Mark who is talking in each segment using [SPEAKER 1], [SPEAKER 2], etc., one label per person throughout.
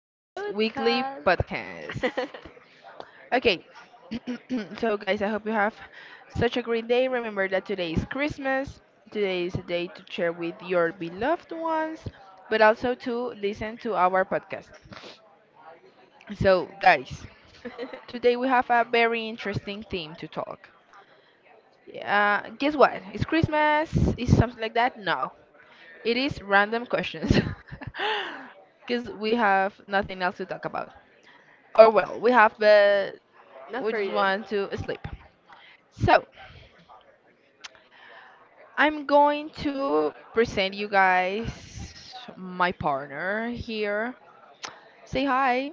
[SPEAKER 1] weekly
[SPEAKER 2] Podcast.
[SPEAKER 1] podcast. Okay, so guys, I hope you have such a great day. Remember that today is Christmas. Today is a day to share with your beloved ones, but also to listen to our podcast. So, guys, today we have a very interesting theme to talk. Guess what? It's Christmas. Is something like that? No. It is random questions. Because we have nothing else to talk about. Or, well, we have, but we
[SPEAKER 2] Not for
[SPEAKER 1] just
[SPEAKER 2] you.
[SPEAKER 1] want to sleep. So, I'm going to present you guys my partner here. Say hi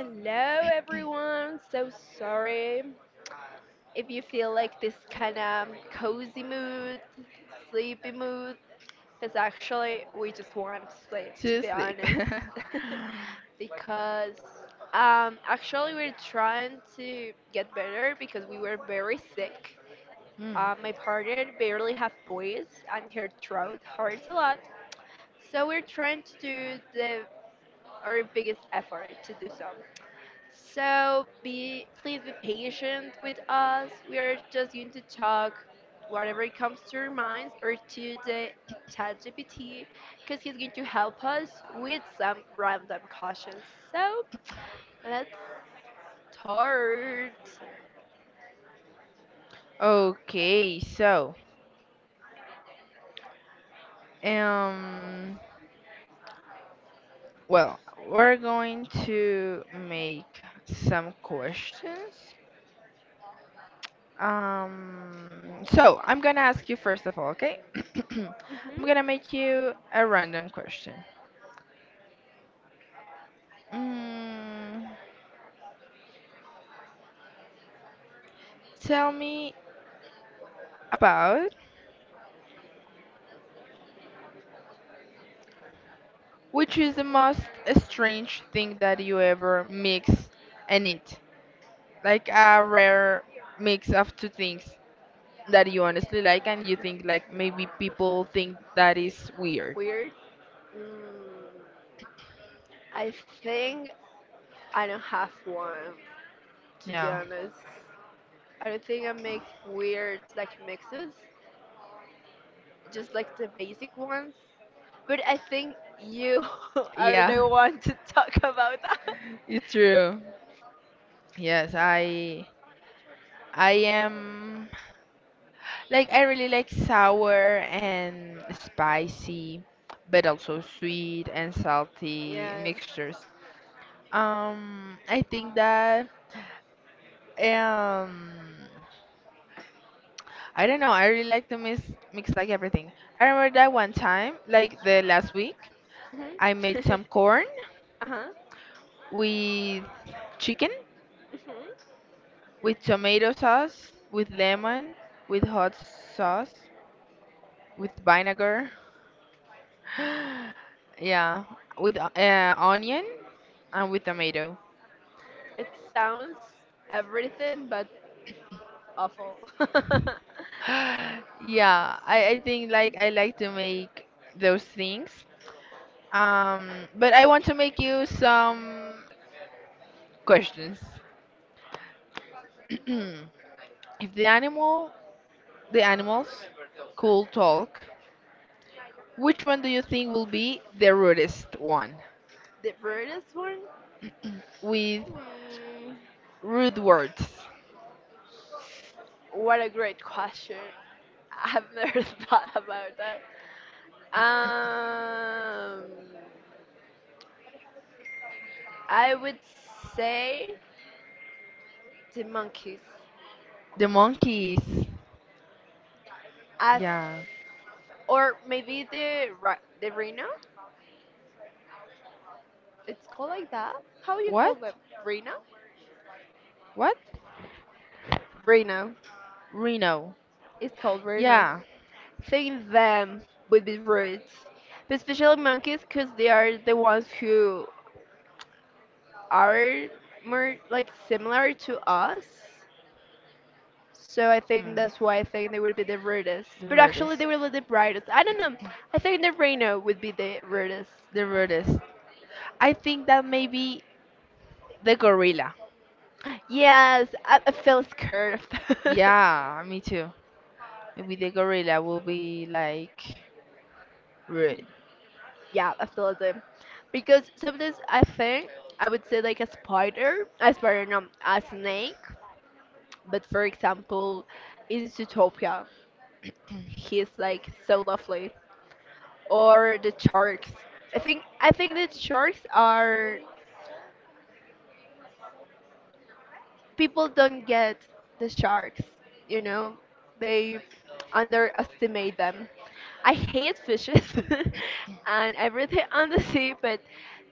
[SPEAKER 2] Hello, everyone. So sorry if you feel like this kind of cozy mood, sleepy mood, because actually we just want sleep,
[SPEAKER 1] to
[SPEAKER 2] to be
[SPEAKER 1] sleep.
[SPEAKER 2] honest. Because actually we're trying to get better because we were very sick.
[SPEAKER 1] Hmm.
[SPEAKER 2] My partner barely have voice and her throat hurts a lot. So we're trying to do the our biggest effort to do so. So be please be patient with us. We are just going to talk whatever comes to our minds or to the ChatGPT, because he's going to help us with some random questions. So let's start.
[SPEAKER 1] Okay, so, um, well, we're going to make some questions. So I'm gonna ask you first of all, okay? I'm gonna make
[SPEAKER 2] Hmm.
[SPEAKER 1] you a random question. Mm, tell me about which is the most strange thing that you ever mix and eat? Like a rare mix of two things that you honestly like and you think like maybe people think that is weird.
[SPEAKER 2] Weird. Mm, I think I don't have one, to be
[SPEAKER 1] Yeah.
[SPEAKER 2] honest. I don't think I make weird like mixes, just like the basic ones. But I think you are
[SPEAKER 1] Yeah,
[SPEAKER 2] the one to talk about that.
[SPEAKER 1] it's true. Yes, I am. Like I really like sour and spicy, but also sweet and salty
[SPEAKER 2] Yeah.
[SPEAKER 1] mixtures. I think that um, I don't know. I really like to mix like everything. I remember that one time, like the last week,
[SPEAKER 2] Mhm.
[SPEAKER 1] I made some corn
[SPEAKER 2] Uh huh.
[SPEAKER 1] with chicken,
[SPEAKER 2] Mhm.
[SPEAKER 1] with tomato sauce, with lemon, with hot sauce, with vinegar, yeah, with onion and with tomato.
[SPEAKER 2] It sounds everything but awful. The
[SPEAKER 1] Yeah, I think like I like to make those things. But I want to make you some questions. If the animals could talk, which one do you think will be the rudest one?
[SPEAKER 2] weirdest one?
[SPEAKER 1] With
[SPEAKER 2] Hmm.
[SPEAKER 1] rude words.
[SPEAKER 2] What a great question. I've never thought about that. Um, I would say the monkeys,
[SPEAKER 1] The monkeys.
[SPEAKER 2] as
[SPEAKER 1] Yeah.
[SPEAKER 2] or maybe the the rhino. It's called like that. How you call
[SPEAKER 1] What?
[SPEAKER 2] them? Rhino?
[SPEAKER 1] What?
[SPEAKER 2] Rhino.
[SPEAKER 1] Reno.
[SPEAKER 2] It's called rhino.
[SPEAKER 1] Yeah.
[SPEAKER 2] Saying them would be rude, but especially monkeys, because they are the ones who are more like similar to us. So I
[SPEAKER 1] Hmm,
[SPEAKER 2] think that's why I think they would be the rudest.
[SPEAKER 1] the
[SPEAKER 2] But actually,
[SPEAKER 1] weirdest.
[SPEAKER 2] they were the brightest. I don't know. I think the Reno would be the rudest.
[SPEAKER 1] The weirdest. I think that maybe the gorilla.
[SPEAKER 2] Yes, I feel scared.
[SPEAKER 1] Yeah, me too. Maybe the gorilla will be like rude.
[SPEAKER 2] Yeah, absolutely. Because sometimes I think I would say like a spider, no, a snake. But for example, in Zootopia, he's like so lovely. Or the sharks. I think the sharks are people don't get the sharks, you know, they underestimate them. I hate fishes and everything on the sea, but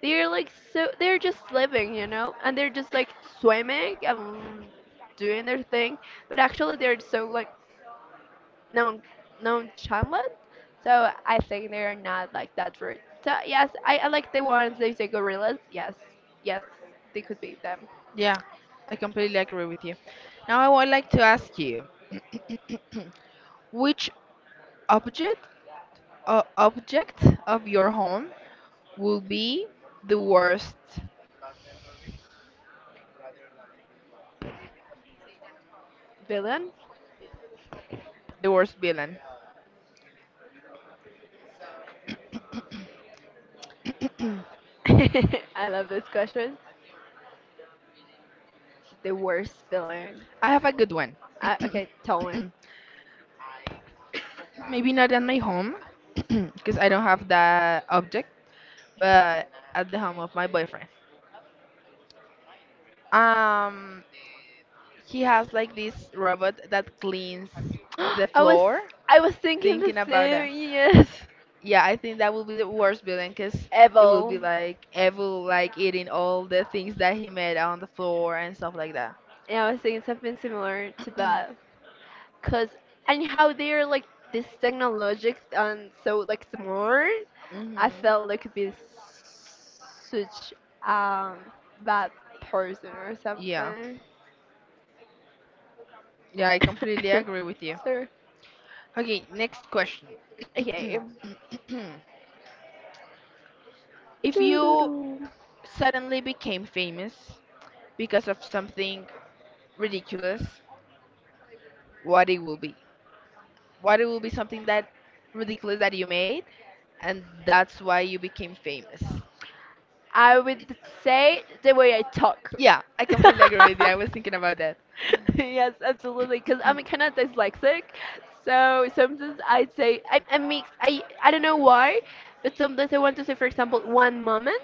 [SPEAKER 2] they're like so they're just living, you know, and they're just like swimming and doing their thing, but actually they're so like non nonchalant. So I think they are not like that rude. So yes, I like the ones they say gorillas. Yes, yes, they could be them.
[SPEAKER 1] Yeah, I completely agree with you. Now I would like to ask you, which object object of your home will be the worst
[SPEAKER 2] Villain?
[SPEAKER 1] the worst villain?
[SPEAKER 2] I love this question. The worst villain.
[SPEAKER 1] I have a good one.
[SPEAKER 2] I, okay, tell me.
[SPEAKER 1] Maybe not at my home because I don't have that object, but at the home of my boyfriend. Um, he has like this robot that cleans the
[SPEAKER 2] I was
[SPEAKER 1] floor.
[SPEAKER 2] I was thinking the
[SPEAKER 1] Thinking about that,
[SPEAKER 2] same. Yes,
[SPEAKER 1] yeah, I think that will be the worst villain because they will
[SPEAKER 2] evil.
[SPEAKER 1] be like evil, like eating all the things that he made on the floor and stuff like that.
[SPEAKER 2] And I was thinking something similar to that. Cause and how they're like this technologic and so like smart.
[SPEAKER 1] Hmm.
[SPEAKER 2] I felt they could be such um bad person or
[SPEAKER 1] Yeah,
[SPEAKER 2] something.
[SPEAKER 1] yeah, I completely agree with you.
[SPEAKER 2] Sorry.
[SPEAKER 1] Okay, next question.
[SPEAKER 2] Okay.
[SPEAKER 1] If you
[SPEAKER 2] Doo-doo-doo.
[SPEAKER 1] suddenly became famous because of something ridiculous, what it will be. What it will be something that ridiculous that you made, and that's why you became famous.
[SPEAKER 2] I would say the way I talk.
[SPEAKER 1] Yeah, I completely agree with you. I was thinking about that.
[SPEAKER 2] Yes, absolutely. Because I'm kind of dyslexic, so sometimes I say I mix. I don't know why, but sometimes I want to say, for example, one moment,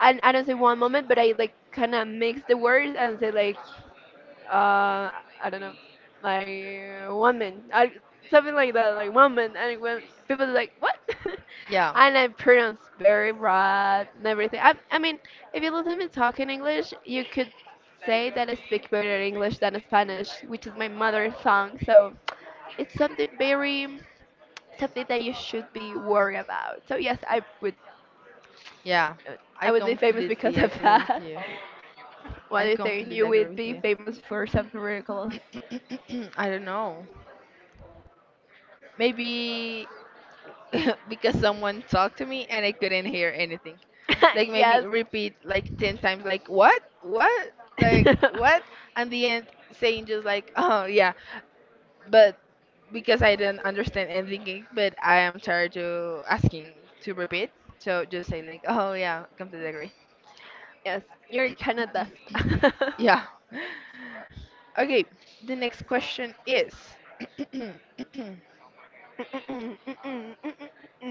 [SPEAKER 2] and I don't say one moment, but I like kind of mix the words and say like uh, I don't know, like one man, I, something like that, like one man, and when people are like what,
[SPEAKER 1] Yeah,
[SPEAKER 2] and I pronounce very right and everything. I mean, if you listen to me talk in English, you could say that I speak better English than Spanish, which is my mother tongue. So it's something very something that you should be worried about. So yes,
[SPEAKER 1] yeah, I
[SPEAKER 2] I would be famous because
[SPEAKER 1] completely
[SPEAKER 2] of
[SPEAKER 1] agree with
[SPEAKER 2] that.
[SPEAKER 1] you.
[SPEAKER 2] What
[SPEAKER 1] I
[SPEAKER 2] do you think?
[SPEAKER 1] completely
[SPEAKER 2] You
[SPEAKER 1] agree
[SPEAKER 2] would
[SPEAKER 1] with
[SPEAKER 2] be
[SPEAKER 1] you.
[SPEAKER 2] famous for something ridiculous.
[SPEAKER 1] I don't know. Maybe because someone talked to me and I couldn't hear anything. Like maybe
[SPEAKER 2] Yes.
[SPEAKER 1] repeat like 10 times like what? What? Like what? And the end saying just like, "Oh yeah, but because I don't understand anything, but I am tired to asking to repeat. So just say like, oh yeah, completely agree.
[SPEAKER 2] Yes, you're kind of dust.
[SPEAKER 1] Yeah. Okay. The next question is,
[SPEAKER 2] Mm-mm, mm-mm, mm-mm,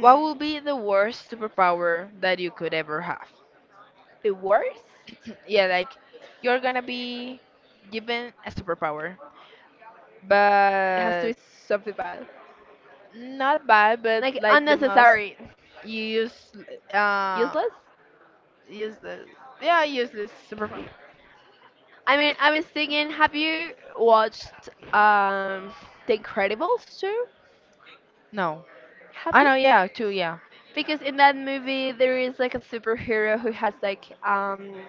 [SPEAKER 1] what will be the worst superpower that you could ever have?
[SPEAKER 2] The worst?
[SPEAKER 1] Yeah, like you're gonna be given a superpower,
[SPEAKER 2] It has to be
[SPEAKER 1] but
[SPEAKER 2] something bad.
[SPEAKER 1] not bad, but
[SPEAKER 2] Like
[SPEAKER 1] like the most
[SPEAKER 2] unnecessary.
[SPEAKER 1] you use uh,
[SPEAKER 2] Useless?
[SPEAKER 1] useless. Yeah, useless superpower.
[SPEAKER 2] I mean, I was thinking, have you watched The Incredibles too?
[SPEAKER 1] No.
[SPEAKER 2] Have
[SPEAKER 1] I
[SPEAKER 2] you?
[SPEAKER 1] know, yeah, too, yeah.
[SPEAKER 2] Because in that movie, there is like a superhero who has like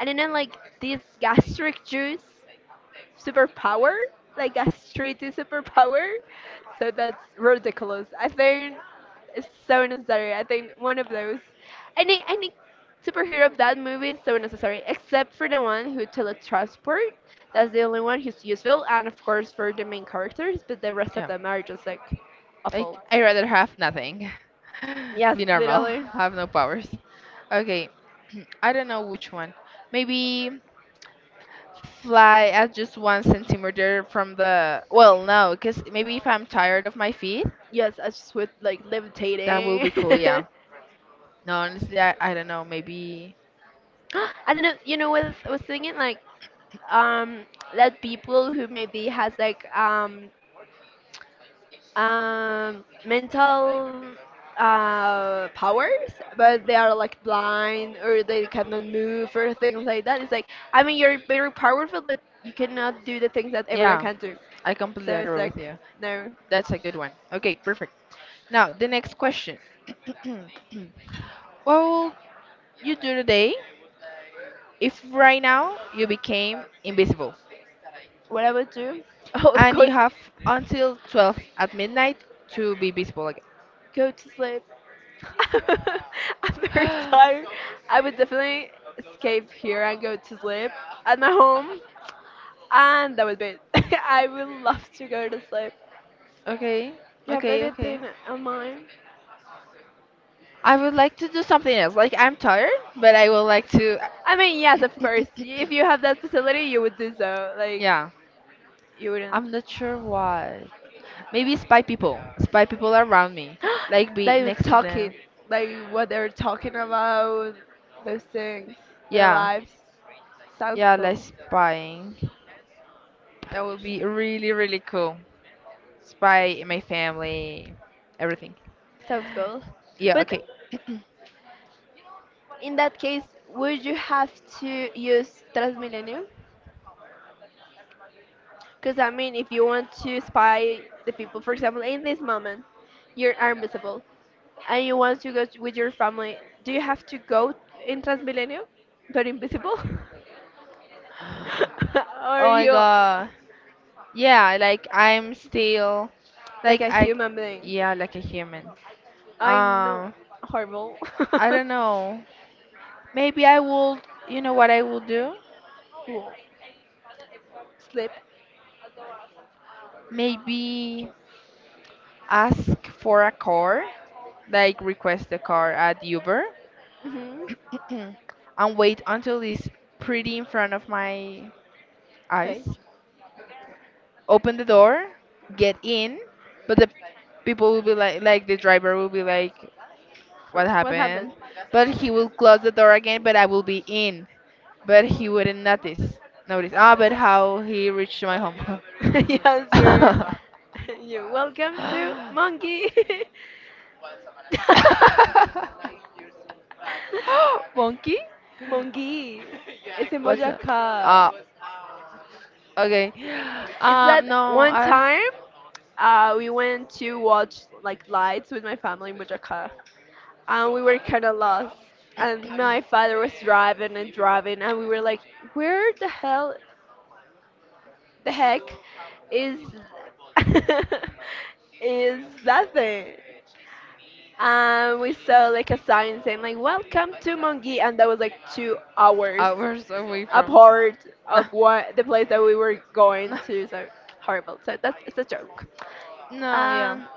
[SPEAKER 2] I don't know, like this gastric juice superpower, like a street superpower. So that's ridiculous. I think it's so necessary. I think one of those, any superhero of that movie is so necessary, except for the one who teletransport. That's the only one who's useful, and of course for the main characters. But the rest of
[SPEAKER 1] Yeah.
[SPEAKER 2] them are just like
[SPEAKER 1] I
[SPEAKER 2] awful.
[SPEAKER 1] I rather have nothing.
[SPEAKER 2] Yes,
[SPEAKER 1] Be normal.
[SPEAKER 2] literally.
[SPEAKER 1] Have no powers. Okay. I don't know which one. Maybe fly at just one centimeter from the well no, because maybe if I'm tired of my feet,
[SPEAKER 2] Yes, I just with like
[SPEAKER 1] that will be
[SPEAKER 2] levitating.
[SPEAKER 1] cool, yeah. No, honestly I don't know, maybe
[SPEAKER 2] I don't know. You know what I was thinking? Like um, that people who maybe has like mental powers, but they are like blind or they cannot move or things like that. It's like I mean you're very powerful, but you cannot do the things that everyone
[SPEAKER 1] yeah,
[SPEAKER 2] can do.
[SPEAKER 1] I completely
[SPEAKER 2] So it's
[SPEAKER 1] agree with
[SPEAKER 2] like
[SPEAKER 1] you.
[SPEAKER 2] no.
[SPEAKER 1] That's a good one. Okay, perfect. Now the next question. What will you do today if right now you became invisible
[SPEAKER 2] What I would do? Oh,
[SPEAKER 1] and you have until 12 at midnight to be visible
[SPEAKER 2] go to sleep. I'm very
[SPEAKER 1] again?
[SPEAKER 2] tired. I would definitely escape here and go to sleep at my home. And that would be it. I would love to go to sleep.
[SPEAKER 1] Okay,
[SPEAKER 2] You have
[SPEAKER 1] okay, okay,
[SPEAKER 2] anything on mind?
[SPEAKER 1] I would like to do something else like I'm tired, but I would like to
[SPEAKER 2] I mean, yes, of course. If you have that facility, you would do so. Like,
[SPEAKER 1] yeah,
[SPEAKER 2] you wouldn't.
[SPEAKER 1] I'm not sure why. Maybe spy people around me, like be
[SPEAKER 2] They were
[SPEAKER 1] next to
[SPEAKER 2] talking,
[SPEAKER 1] them,
[SPEAKER 2] like, what they're talking about, those things, their
[SPEAKER 1] yeah.
[SPEAKER 2] lives. Sounds
[SPEAKER 1] Yeah, like
[SPEAKER 2] cool.
[SPEAKER 1] spying, that would be really really cool. Spy my family, everything.
[SPEAKER 2] Sounds cool.
[SPEAKER 1] Yeah,
[SPEAKER 2] But
[SPEAKER 1] okay.
[SPEAKER 2] in that case, would you have to use Transmilenio? Because, I mean, if you want to spy the people, for example, in this moment, you are invisible. And you want to go with your family, do you have to go in Transmilenio, but invisible? Or
[SPEAKER 1] Oh my
[SPEAKER 2] you
[SPEAKER 1] god. Yeah, like I'm still
[SPEAKER 2] like
[SPEAKER 1] like
[SPEAKER 2] a
[SPEAKER 1] I
[SPEAKER 2] human being?
[SPEAKER 1] Yeah, like a human.
[SPEAKER 2] I know,
[SPEAKER 1] Um,
[SPEAKER 2] horrible.
[SPEAKER 1] I don't know. Maybe I will, you know what I will do?
[SPEAKER 2] Cool. Sleep.
[SPEAKER 1] Maybe ask for a car, like request a car at Uber.
[SPEAKER 2] Hmm.
[SPEAKER 1] And wait until it's pretty in front of my
[SPEAKER 2] Okay.
[SPEAKER 1] eyes. Open the door, get in, but the people will be like the driver will be like
[SPEAKER 2] Huh.
[SPEAKER 1] what
[SPEAKER 2] What happened?
[SPEAKER 1] happened. But he will close the door again, but I will be in. But he wouldn't notice. Notice. Ah, but how he reached my home.
[SPEAKER 2] Yes, you're you're welcome to Monkey.
[SPEAKER 1] Monkey?
[SPEAKER 2] Monkey. It's in
[SPEAKER 1] What's that?
[SPEAKER 2] Boyacá.
[SPEAKER 1] Ah, okay.
[SPEAKER 2] Is that
[SPEAKER 1] No,
[SPEAKER 2] one
[SPEAKER 1] I
[SPEAKER 2] time we went to watch like lights with my family in Bojaca, and we were kind of lost. And my father was driving and driving, and we were like, "Where the hell, the heck, is is that thing?" And we saw like a sign saying like, "Welcome to Mongi," and that was like 2 hours
[SPEAKER 1] hours away from.
[SPEAKER 2] apart
[SPEAKER 1] No,
[SPEAKER 2] of what the place that we were going
[SPEAKER 1] no,
[SPEAKER 2] to. So horrible. So that's it's a joke.
[SPEAKER 1] no, yeah.
[SPEAKER 2] Um,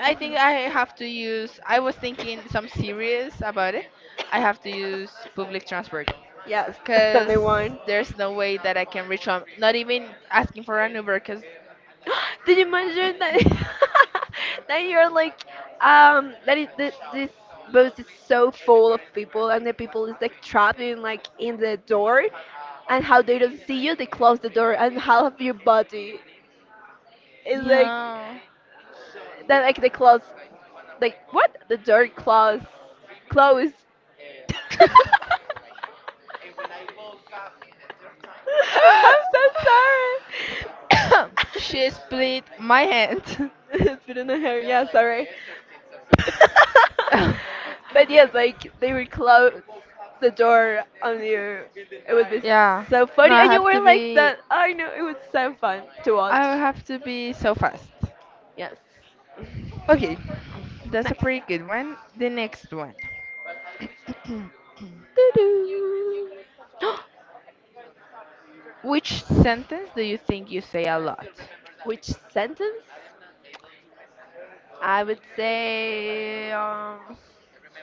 [SPEAKER 1] I think I have to use. I was thinking some series about it. I have to use public transport.
[SPEAKER 2] yes,
[SPEAKER 1] Because
[SPEAKER 2] only one.
[SPEAKER 1] there's no way that I can reach home. Not even asking for an Uber, because
[SPEAKER 2] Did you mention that that you're like that it, th this bus is so full of people and the people is like trapped in like in the door, and how they don't see you they close the door and half of your body is like
[SPEAKER 1] yeah.
[SPEAKER 2] that like they close like what the door close closed I'm so sorry.
[SPEAKER 1] She split my hand.
[SPEAKER 2] Spit in the hair, yeah, sorry. But yes, like they would close the door on you. It would be
[SPEAKER 1] Yeah.
[SPEAKER 2] so
[SPEAKER 1] No,
[SPEAKER 2] funny,
[SPEAKER 1] I
[SPEAKER 2] and you
[SPEAKER 1] have to
[SPEAKER 2] were like
[SPEAKER 1] be.
[SPEAKER 2] that. I know it was so fun to watch.
[SPEAKER 1] I have to be so fast.
[SPEAKER 2] Yes.
[SPEAKER 1] Okay, that's a
[SPEAKER 2] Nice.
[SPEAKER 1] pretty good one. The next one.
[SPEAKER 2] Doo-doo.
[SPEAKER 1] Which sentence do you think you say a lot?
[SPEAKER 2] Which sentence? I would say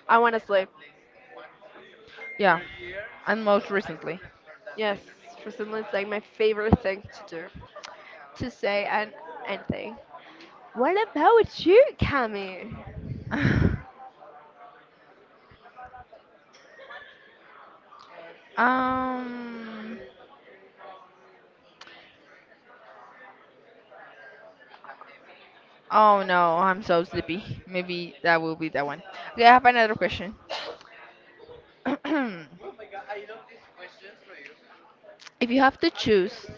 [SPEAKER 2] I want to sleep.
[SPEAKER 1] Yeah, and most recently.
[SPEAKER 2] Yes, for recently it's like my favorite thing to do, to say and anything. What about you, Cami?
[SPEAKER 1] Um. Oh no, I'm so sleepy. Maybe that will be that one. Okay, I have another question. if you have to choose,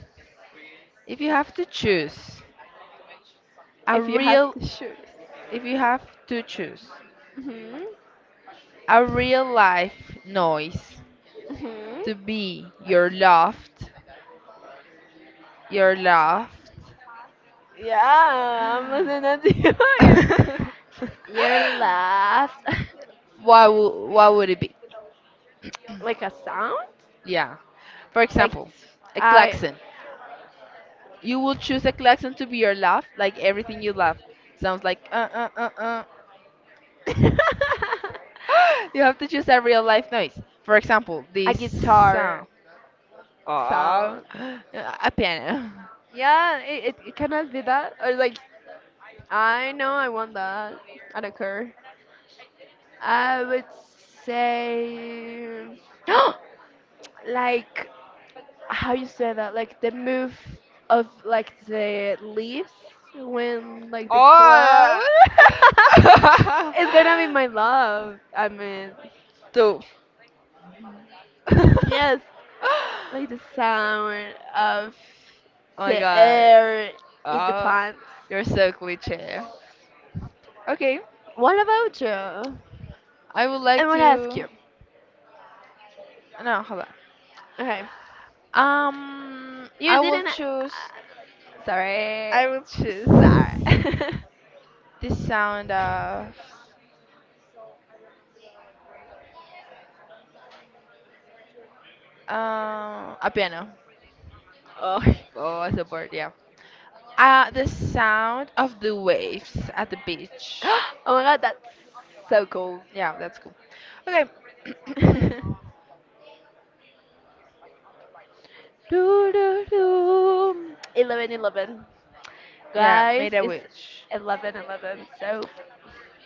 [SPEAKER 1] if you have to choose a
[SPEAKER 2] If you have
[SPEAKER 1] real,
[SPEAKER 2] to choose.
[SPEAKER 1] if you have to choose
[SPEAKER 2] Mhm.
[SPEAKER 1] a real life noise
[SPEAKER 2] Mhm.
[SPEAKER 1] to be your loved,
[SPEAKER 2] Yeah, I'm listening to you. Your laugh,
[SPEAKER 1] what would it be?
[SPEAKER 2] like a sound,
[SPEAKER 1] Yeah. For
[SPEAKER 2] like
[SPEAKER 1] example, a
[SPEAKER 2] I,
[SPEAKER 1] klaxon. You will choose a klaxon to be your laugh, like everything you love. Sounds like uh. You have to choose a real life noise. For example,
[SPEAKER 2] a
[SPEAKER 1] this
[SPEAKER 2] guitar
[SPEAKER 1] sound. Oh,
[SPEAKER 2] sound.
[SPEAKER 1] a piano.
[SPEAKER 2] Yeah, it cannot be that. Or like, I know I want that. I don't care. I would say, like, how you say that? Like the move of like the leaves when like the
[SPEAKER 1] Oh.
[SPEAKER 2] cloud. It's gonna be my love. I mean,
[SPEAKER 1] Two. Oh
[SPEAKER 2] yes, like the sound of
[SPEAKER 1] my
[SPEAKER 2] the
[SPEAKER 1] god.
[SPEAKER 2] air in the
[SPEAKER 1] Oh,
[SPEAKER 2] plants.
[SPEAKER 1] you're so cliche. Okay,
[SPEAKER 2] What about you?
[SPEAKER 1] I would
[SPEAKER 2] I
[SPEAKER 1] like
[SPEAKER 2] want to ask
[SPEAKER 1] to.
[SPEAKER 2] you.
[SPEAKER 1] No, hold
[SPEAKER 2] Okay.
[SPEAKER 1] on.
[SPEAKER 2] You
[SPEAKER 1] I will
[SPEAKER 2] didn't.
[SPEAKER 1] choose.
[SPEAKER 2] Sorry.
[SPEAKER 1] I will choose
[SPEAKER 2] Sorry.
[SPEAKER 1] the sound of a piano
[SPEAKER 2] Oh.
[SPEAKER 1] or a support, yeah. The sound of the waves at the beach.
[SPEAKER 2] Oh my god, that's so cool.
[SPEAKER 1] Yeah, that's cool. Okay.
[SPEAKER 2] Do, do, do. 11, 11,
[SPEAKER 1] Yeah,
[SPEAKER 2] guys,
[SPEAKER 1] made a
[SPEAKER 2] it's
[SPEAKER 1] witch.
[SPEAKER 2] 11, 11. So.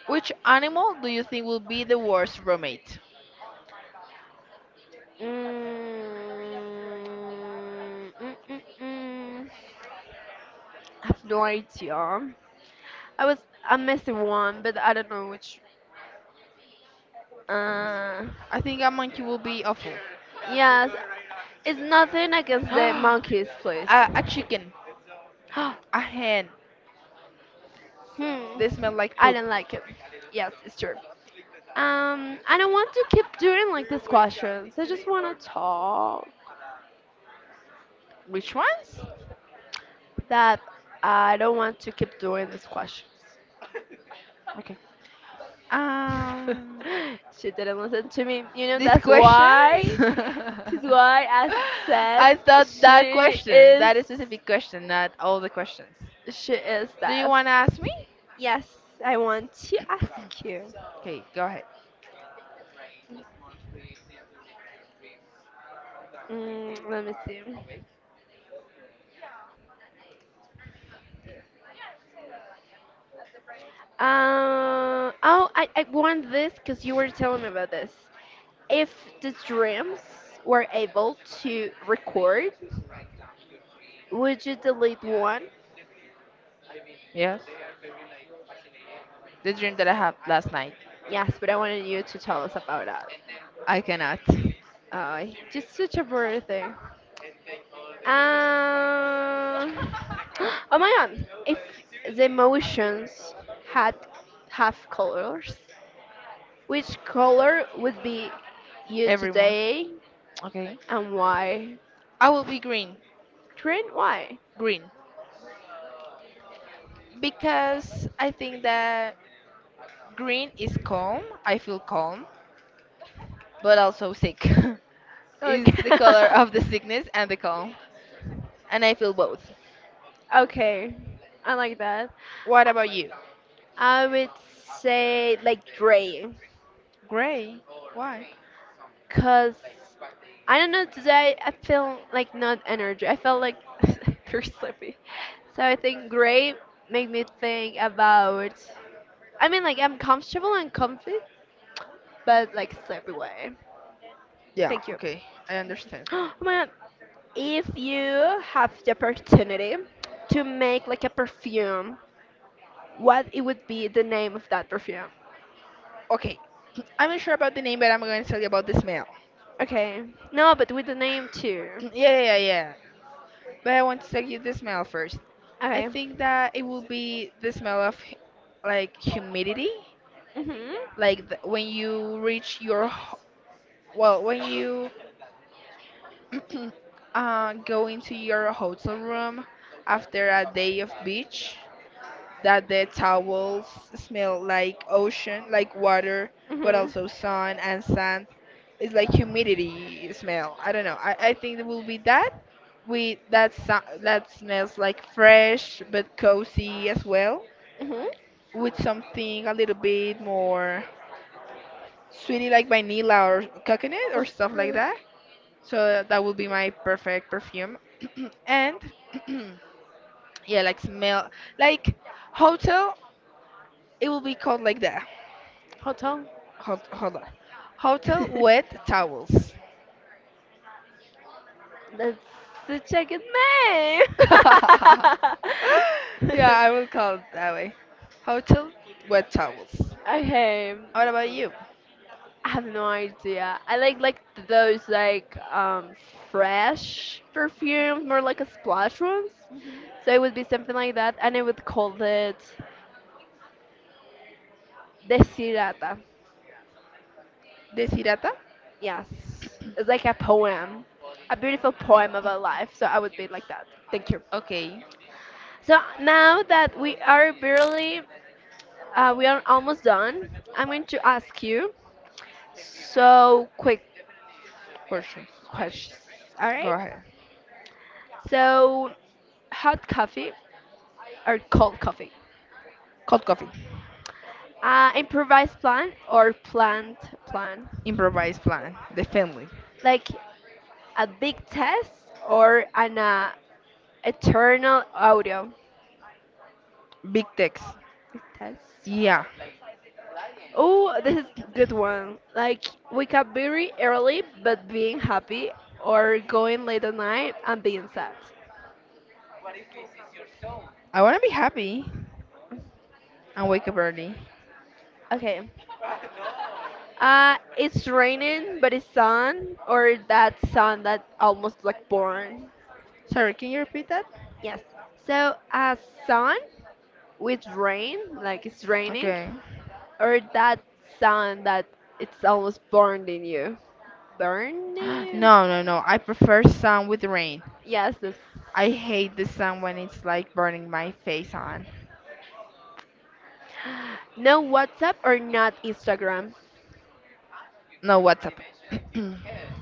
[SPEAKER 1] Which animal do you think will be the worst roommate?
[SPEAKER 2] Mm, mm, mm, mm. I have no idea. I was. I'm missing one, but I don't know which. Uh,
[SPEAKER 1] I think a monkey will be awful.
[SPEAKER 2] yes. It's nothing against the
[SPEAKER 1] a,
[SPEAKER 2] monkeys, please.
[SPEAKER 1] a chicken, a hen.
[SPEAKER 2] Hmm.
[SPEAKER 1] They smell like
[SPEAKER 2] I
[SPEAKER 1] poop.
[SPEAKER 2] don't like it. Yes, it's true. I don't want to keep doing like these questions. I just want to talk
[SPEAKER 1] Which ones?
[SPEAKER 2] that I don't want to keep doing these questions.
[SPEAKER 1] Okay. Um,
[SPEAKER 2] She didn't listen to me. You know
[SPEAKER 1] These
[SPEAKER 2] that's
[SPEAKER 1] questions?
[SPEAKER 2] why. That's why I said
[SPEAKER 1] I thought that
[SPEAKER 2] she
[SPEAKER 1] question,
[SPEAKER 2] is
[SPEAKER 1] that specific question, not all the questions.
[SPEAKER 2] she is
[SPEAKER 1] Do you
[SPEAKER 2] deaf.
[SPEAKER 1] want to ask me?
[SPEAKER 2] Yes, I want to ask you.
[SPEAKER 1] Okay, go ahead.
[SPEAKER 2] Mm, let me see. Oh, I want this because you were telling me about this. If the dreams were able to record, would you delete one?
[SPEAKER 1] Yes. The dream that I had last night.
[SPEAKER 2] Yes, but I wanted you to tell us about that.
[SPEAKER 1] I cannot.
[SPEAKER 2] Just such a boring thing. Um, oh my god, if the emotions had half colors, which color would be you
[SPEAKER 1] Every month.
[SPEAKER 2] today
[SPEAKER 1] Okay.
[SPEAKER 2] and why?
[SPEAKER 1] I will be green.
[SPEAKER 2] Trent, why?
[SPEAKER 1] Green. Because I think that green is calm. I feel calm, but also sick. Is
[SPEAKER 2] Okay.
[SPEAKER 1] the color of the sickness and the calm. And I feel both.
[SPEAKER 2] Okay, I like that.
[SPEAKER 1] What about
[SPEAKER 2] I
[SPEAKER 1] you?
[SPEAKER 2] would say like Dre,
[SPEAKER 1] Gray. Why?
[SPEAKER 2] cause I don't know today I feel like not energy. I felt like very sleepy, so I think gray make me think about. I mean like I'm comfortable and comfy, but like sleepy way.
[SPEAKER 1] Yeah,
[SPEAKER 2] Thank you.
[SPEAKER 1] okay, I understand.
[SPEAKER 2] Oh my god, if you have the opportunity to make like a perfume, what it would be the name of that perfume?
[SPEAKER 1] Okay, I'm not sure about the name, but I'm going to tell you about the smell.
[SPEAKER 2] Okay. No, but with the name too.
[SPEAKER 1] Yeah, yeah, yeah. But I want to tell you the smell first. I
[SPEAKER 2] Okay.
[SPEAKER 1] think that it will be the smell of like humidity,
[SPEAKER 2] Mhm.
[SPEAKER 1] like the, when you reach your well, when you go into your hotel room after a day of beach. That the towels smell like ocean, like water, but
[SPEAKER 2] Mhm.
[SPEAKER 1] also sun and sand. It's like humidity smell. I don't know. I think it will be that with that that smells like fresh but cozy as well,
[SPEAKER 2] Mhm.
[SPEAKER 1] with something a little bit more sweetie like vanilla or coconut or stuff like
[SPEAKER 2] Okay.
[SPEAKER 1] that. So that would be my perfect perfume. And yeah, like smell like hotel. It will be called like that.
[SPEAKER 2] Hotel.
[SPEAKER 1] Hold on. Hotel wet towels.
[SPEAKER 2] That's such a good name.
[SPEAKER 1] Yeah, I will call it that way. Hotel wet towels.
[SPEAKER 2] Okay.
[SPEAKER 1] What about you?
[SPEAKER 2] I have no idea. I like those like fresh perfumes, more like a splash ones. So it would be something like that, and I would call it Desirata.
[SPEAKER 1] Desirata?
[SPEAKER 2] Yes, it's like a poem, a beautiful poem about life. So I would be like that. Thank you.
[SPEAKER 1] Okay,
[SPEAKER 2] So now that we are almost done, I'm going to ask you so quick
[SPEAKER 1] questions.
[SPEAKER 2] questions. All
[SPEAKER 1] Go
[SPEAKER 2] right.
[SPEAKER 1] ahead.
[SPEAKER 2] So hot coffee or cold coffee?
[SPEAKER 1] Cold coffee.
[SPEAKER 2] Improvised plan or planned plan?
[SPEAKER 1] Improvised plan. The family.
[SPEAKER 2] Like a big test or an eternal audio?
[SPEAKER 1] Big text.
[SPEAKER 2] Big test.
[SPEAKER 1] Yeah.
[SPEAKER 2] Oh, this is good one. Like wake up very early but being happy or going late at night and being sad.
[SPEAKER 1] I wanna be happy and wake up early.
[SPEAKER 2] Okay. It's raining but it's sun or that sun that almost like born.
[SPEAKER 1] Sorry, can you repeat that?
[SPEAKER 2] Yes. So sun with rain, like it's raining,
[SPEAKER 1] Okay.
[SPEAKER 2] or that sun that it's almost burned in you. Burned in you?
[SPEAKER 1] No, no, no. I prefer sun with rain.
[SPEAKER 2] Yes, this
[SPEAKER 1] I hate the sun when it's like burning my face on.
[SPEAKER 2] no WhatsApp or not Instagram.
[SPEAKER 1] No, WhatsApp.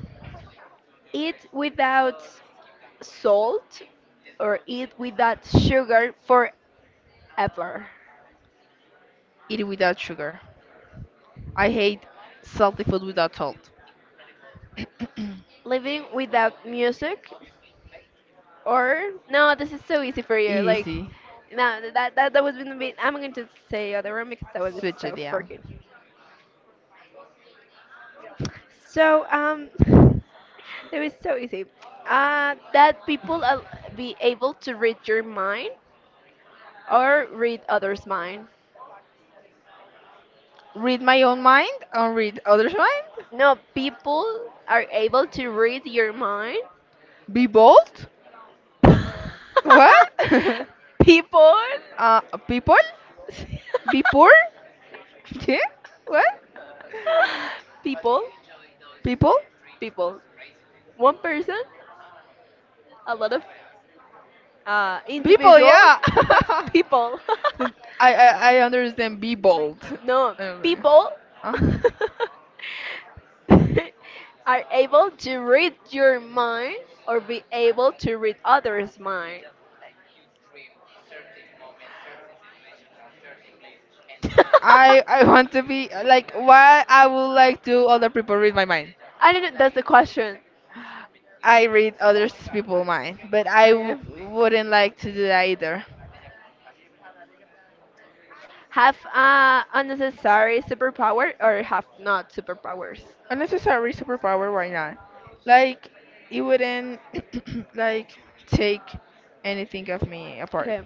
[SPEAKER 2] Eat without salt or eat without sugar forever.
[SPEAKER 1] Eat it without sugar. I hate salty food without salt.
[SPEAKER 2] Living without music or no, this is so easy for you. Like
[SPEAKER 1] Easy.
[SPEAKER 2] no, that was gonna be. I'm going to say other one because that was just
[SPEAKER 1] Switch
[SPEAKER 2] so
[SPEAKER 1] it, yeah.
[SPEAKER 2] freaking. So that was so easy. That people be able to read your mind or read others' mind.
[SPEAKER 1] Read my own mind and read others' mind.
[SPEAKER 2] No, people are able to read your mind.
[SPEAKER 1] Be bold. What?
[SPEAKER 2] People.
[SPEAKER 1] uh, people? Be poor? Yeah? What?
[SPEAKER 2] people
[SPEAKER 1] People?
[SPEAKER 2] people one person a lot of
[SPEAKER 1] People,
[SPEAKER 2] individual.
[SPEAKER 1] yeah.
[SPEAKER 2] People.
[SPEAKER 1] I understand. Be bold.
[SPEAKER 2] No,
[SPEAKER 1] Okay.
[SPEAKER 2] people
[SPEAKER 1] Uh-huh.
[SPEAKER 2] are able to read your mind or be able to read others' mind.
[SPEAKER 1] I want to be like why I would like to other people read my mind.
[SPEAKER 2] I don't know. That's the question.
[SPEAKER 1] I read others people mind, but
[SPEAKER 2] Okay.
[SPEAKER 1] wouldn't like to do that either.
[SPEAKER 2] Have unnecessary superpower or have not superpowers?
[SPEAKER 1] Unnecessary superpower, why not? Like it wouldn't like take anything of me apart.
[SPEAKER 2] Okay.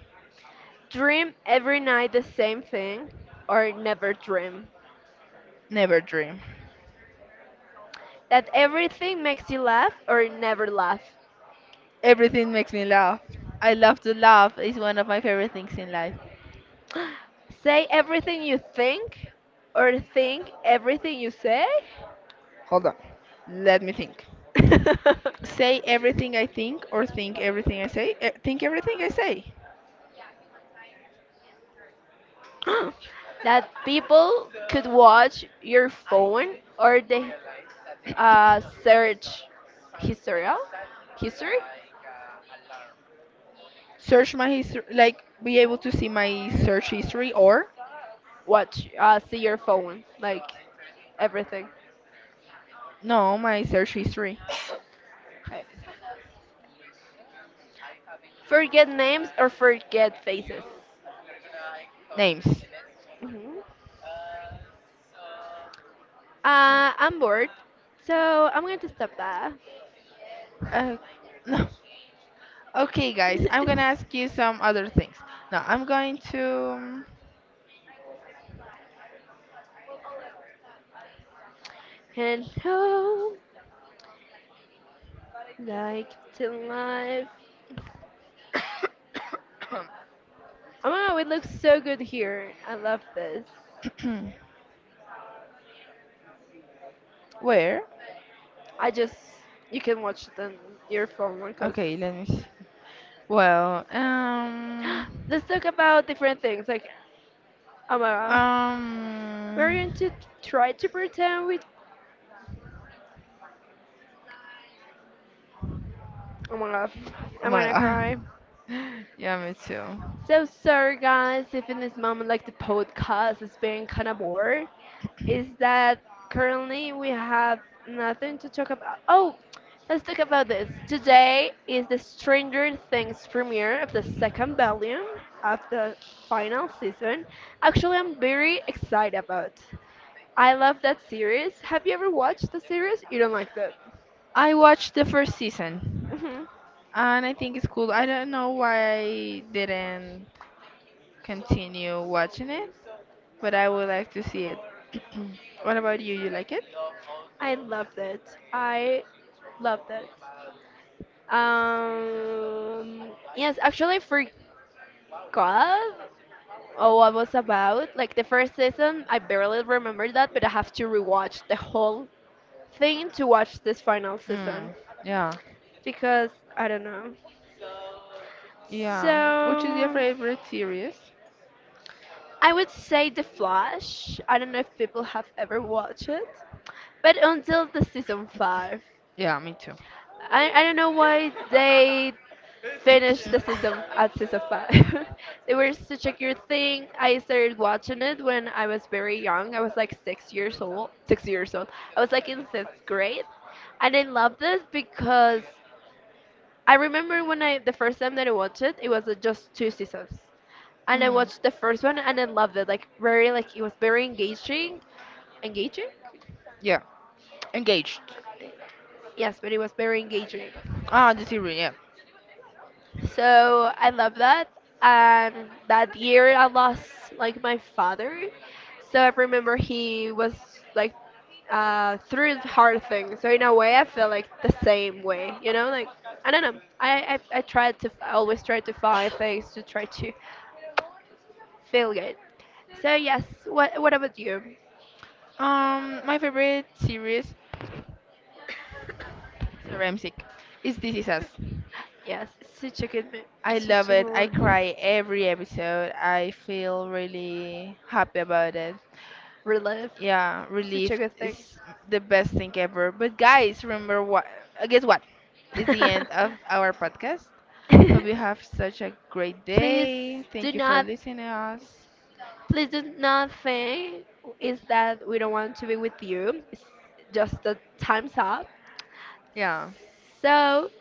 [SPEAKER 2] Dream every night the same thing or never dream.
[SPEAKER 1] Never dream.
[SPEAKER 2] That everything makes you laugh or never laugh.
[SPEAKER 1] Everything makes me laugh. I love to laugh. It's one of my favorite things in life.
[SPEAKER 2] Say everything you think or think everything you say.
[SPEAKER 1] Hold on. Let me think. Say everything I think or think everything I say. Think everything I say.
[SPEAKER 2] That people could watch your phone or the search historial history,
[SPEAKER 1] Search my history, like be able to see my search history or
[SPEAKER 2] watch see your phone like everything.
[SPEAKER 1] no, my search history
[SPEAKER 2] Hi. Forget names or forget faces.
[SPEAKER 1] names.
[SPEAKER 2] hmm I'm bored, so I'm going to stop that.
[SPEAKER 1] Uh, no. Okay, guys, I'm gonna ask you some other things. Now I'm going to
[SPEAKER 2] Hello, like to life. Oh my god, it looks so good here. I love this.
[SPEAKER 1] where?
[SPEAKER 2] I just, you can watch it on your phone because
[SPEAKER 1] Okay, let me. See. Well,
[SPEAKER 2] let's talk about different things. Like, oh my god, we're
[SPEAKER 1] um.
[SPEAKER 2] going to try to pretend we. Oh my god,
[SPEAKER 1] Oh
[SPEAKER 2] I'm
[SPEAKER 1] my
[SPEAKER 2] gonna
[SPEAKER 1] god.
[SPEAKER 2] cry.
[SPEAKER 1] Yeah, me too.
[SPEAKER 2] So sorry, guys, if in this moment, like the podcast is being kind of bored, is that currently we have nothing to talk about. Oh, let's talk about this. Today is the Stranger Things premiere of the second volume of the final season. Actually, I'm very excited about. I love that series. Have you ever watched the series? You don't like that.
[SPEAKER 1] I watched the first season,
[SPEAKER 2] hmm
[SPEAKER 1] and I think it's cool. I don't know why I didn't continue watching it, but I would like to see it. What about you? You like it?
[SPEAKER 2] I loved it. I loved it. Um, yes, actually, I forgot, oh, what was about. Like the first season, I barely remember that, but I have to rewatch the whole thing to watch this final season
[SPEAKER 1] Mm, yeah,
[SPEAKER 2] because I don't know.
[SPEAKER 1] yeah. Which is your
[SPEAKER 2] So
[SPEAKER 1] favorite series?
[SPEAKER 2] I would say The Flash. I don't know if people have ever watched it, but until the season five.
[SPEAKER 1] Yeah, me too.
[SPEAKER 2] I don't know why they finished the season at season five. They were such a good thing. I started watching it when I was very young. I was like 6 years old. 6 years old. I was like in sixth grade, and I loved this because I remember when I the first time that I watched it, it was just two seasons, and I
[SPEAKER 1] Mm,
[SPEAKER 2] watched the first one and I loved it. Like very, like it was very engaging, engaging.
[SPEAKER 1] yeah. Engaged.
[SPEAKER 2] Yes, but it was very engaging.
[SPEAKER 1] Ah, the series, yeah.
[SPEAKER 2] So I love that. And that year I lost like my father. So I remember he was like through hard things. So in a way I feel like the same way, like I don't know. I always try to find things to try to feel good. So yes, what about you?
[SPEAKER 1] My favorite series, Ramsic, is This Is Us.
[SPEAKER 2] Yes, it's such a good mo-
[SPEAKER 1] I
[SPEAKER 2] it's such
[SPEAKER 1] love
[SPEAKER 2] a
[SPEAKER 1] it.
[SPEAKER 2] good
[SPEAKER 1] I
[SPEAKER 2] one.
[SPEAKER 1] cry every episode. I feel really happy about it.
[SPEAKER 2] Relive.
[SPEAKER 1] Yeah,
[SPEAKER 2] Such a
[SPEAKER 1] relief
[SPEAKER 2] good thing.
[SPEAKER 1] is the best thing ever. But guys, remember what? Guess what? It's the end of our podcast. Hope you have such a great
[SPEAKER 2] please
[SPEAKER 1] day.
[SPEAKER 2] do
[SPEAKER 1] Thank you for
[SPEAKER 2] not
[SPEAKER 1] listening to us.
[SPEAKER 2] please do not think is that we don't want to be with you. It's just the time's up.
[SPEAKER 1] Yeah,
[SPEAKER 2] So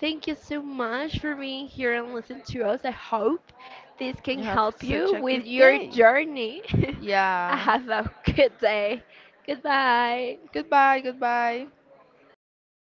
[SPEAKER 2] thank you so much for being here and listening to us. I hope this can
[SPEAKER 1] you have
[SPEAKER 2] help
[SPEAKER 1] such
[SPEAKER 2] you
[SPEAKER 1] a
[SPEAKER 2] with
[SPEAKER 1] good
[SPEAKER 2] your
[SPEAKER 1] day.
[SPEAKER 2] journey.
[SPEAKER 1] Yeah.
[SPEAKER 2] Have a good day. Goodbye.
[SPEAKER 1] Goodbye, goodbye.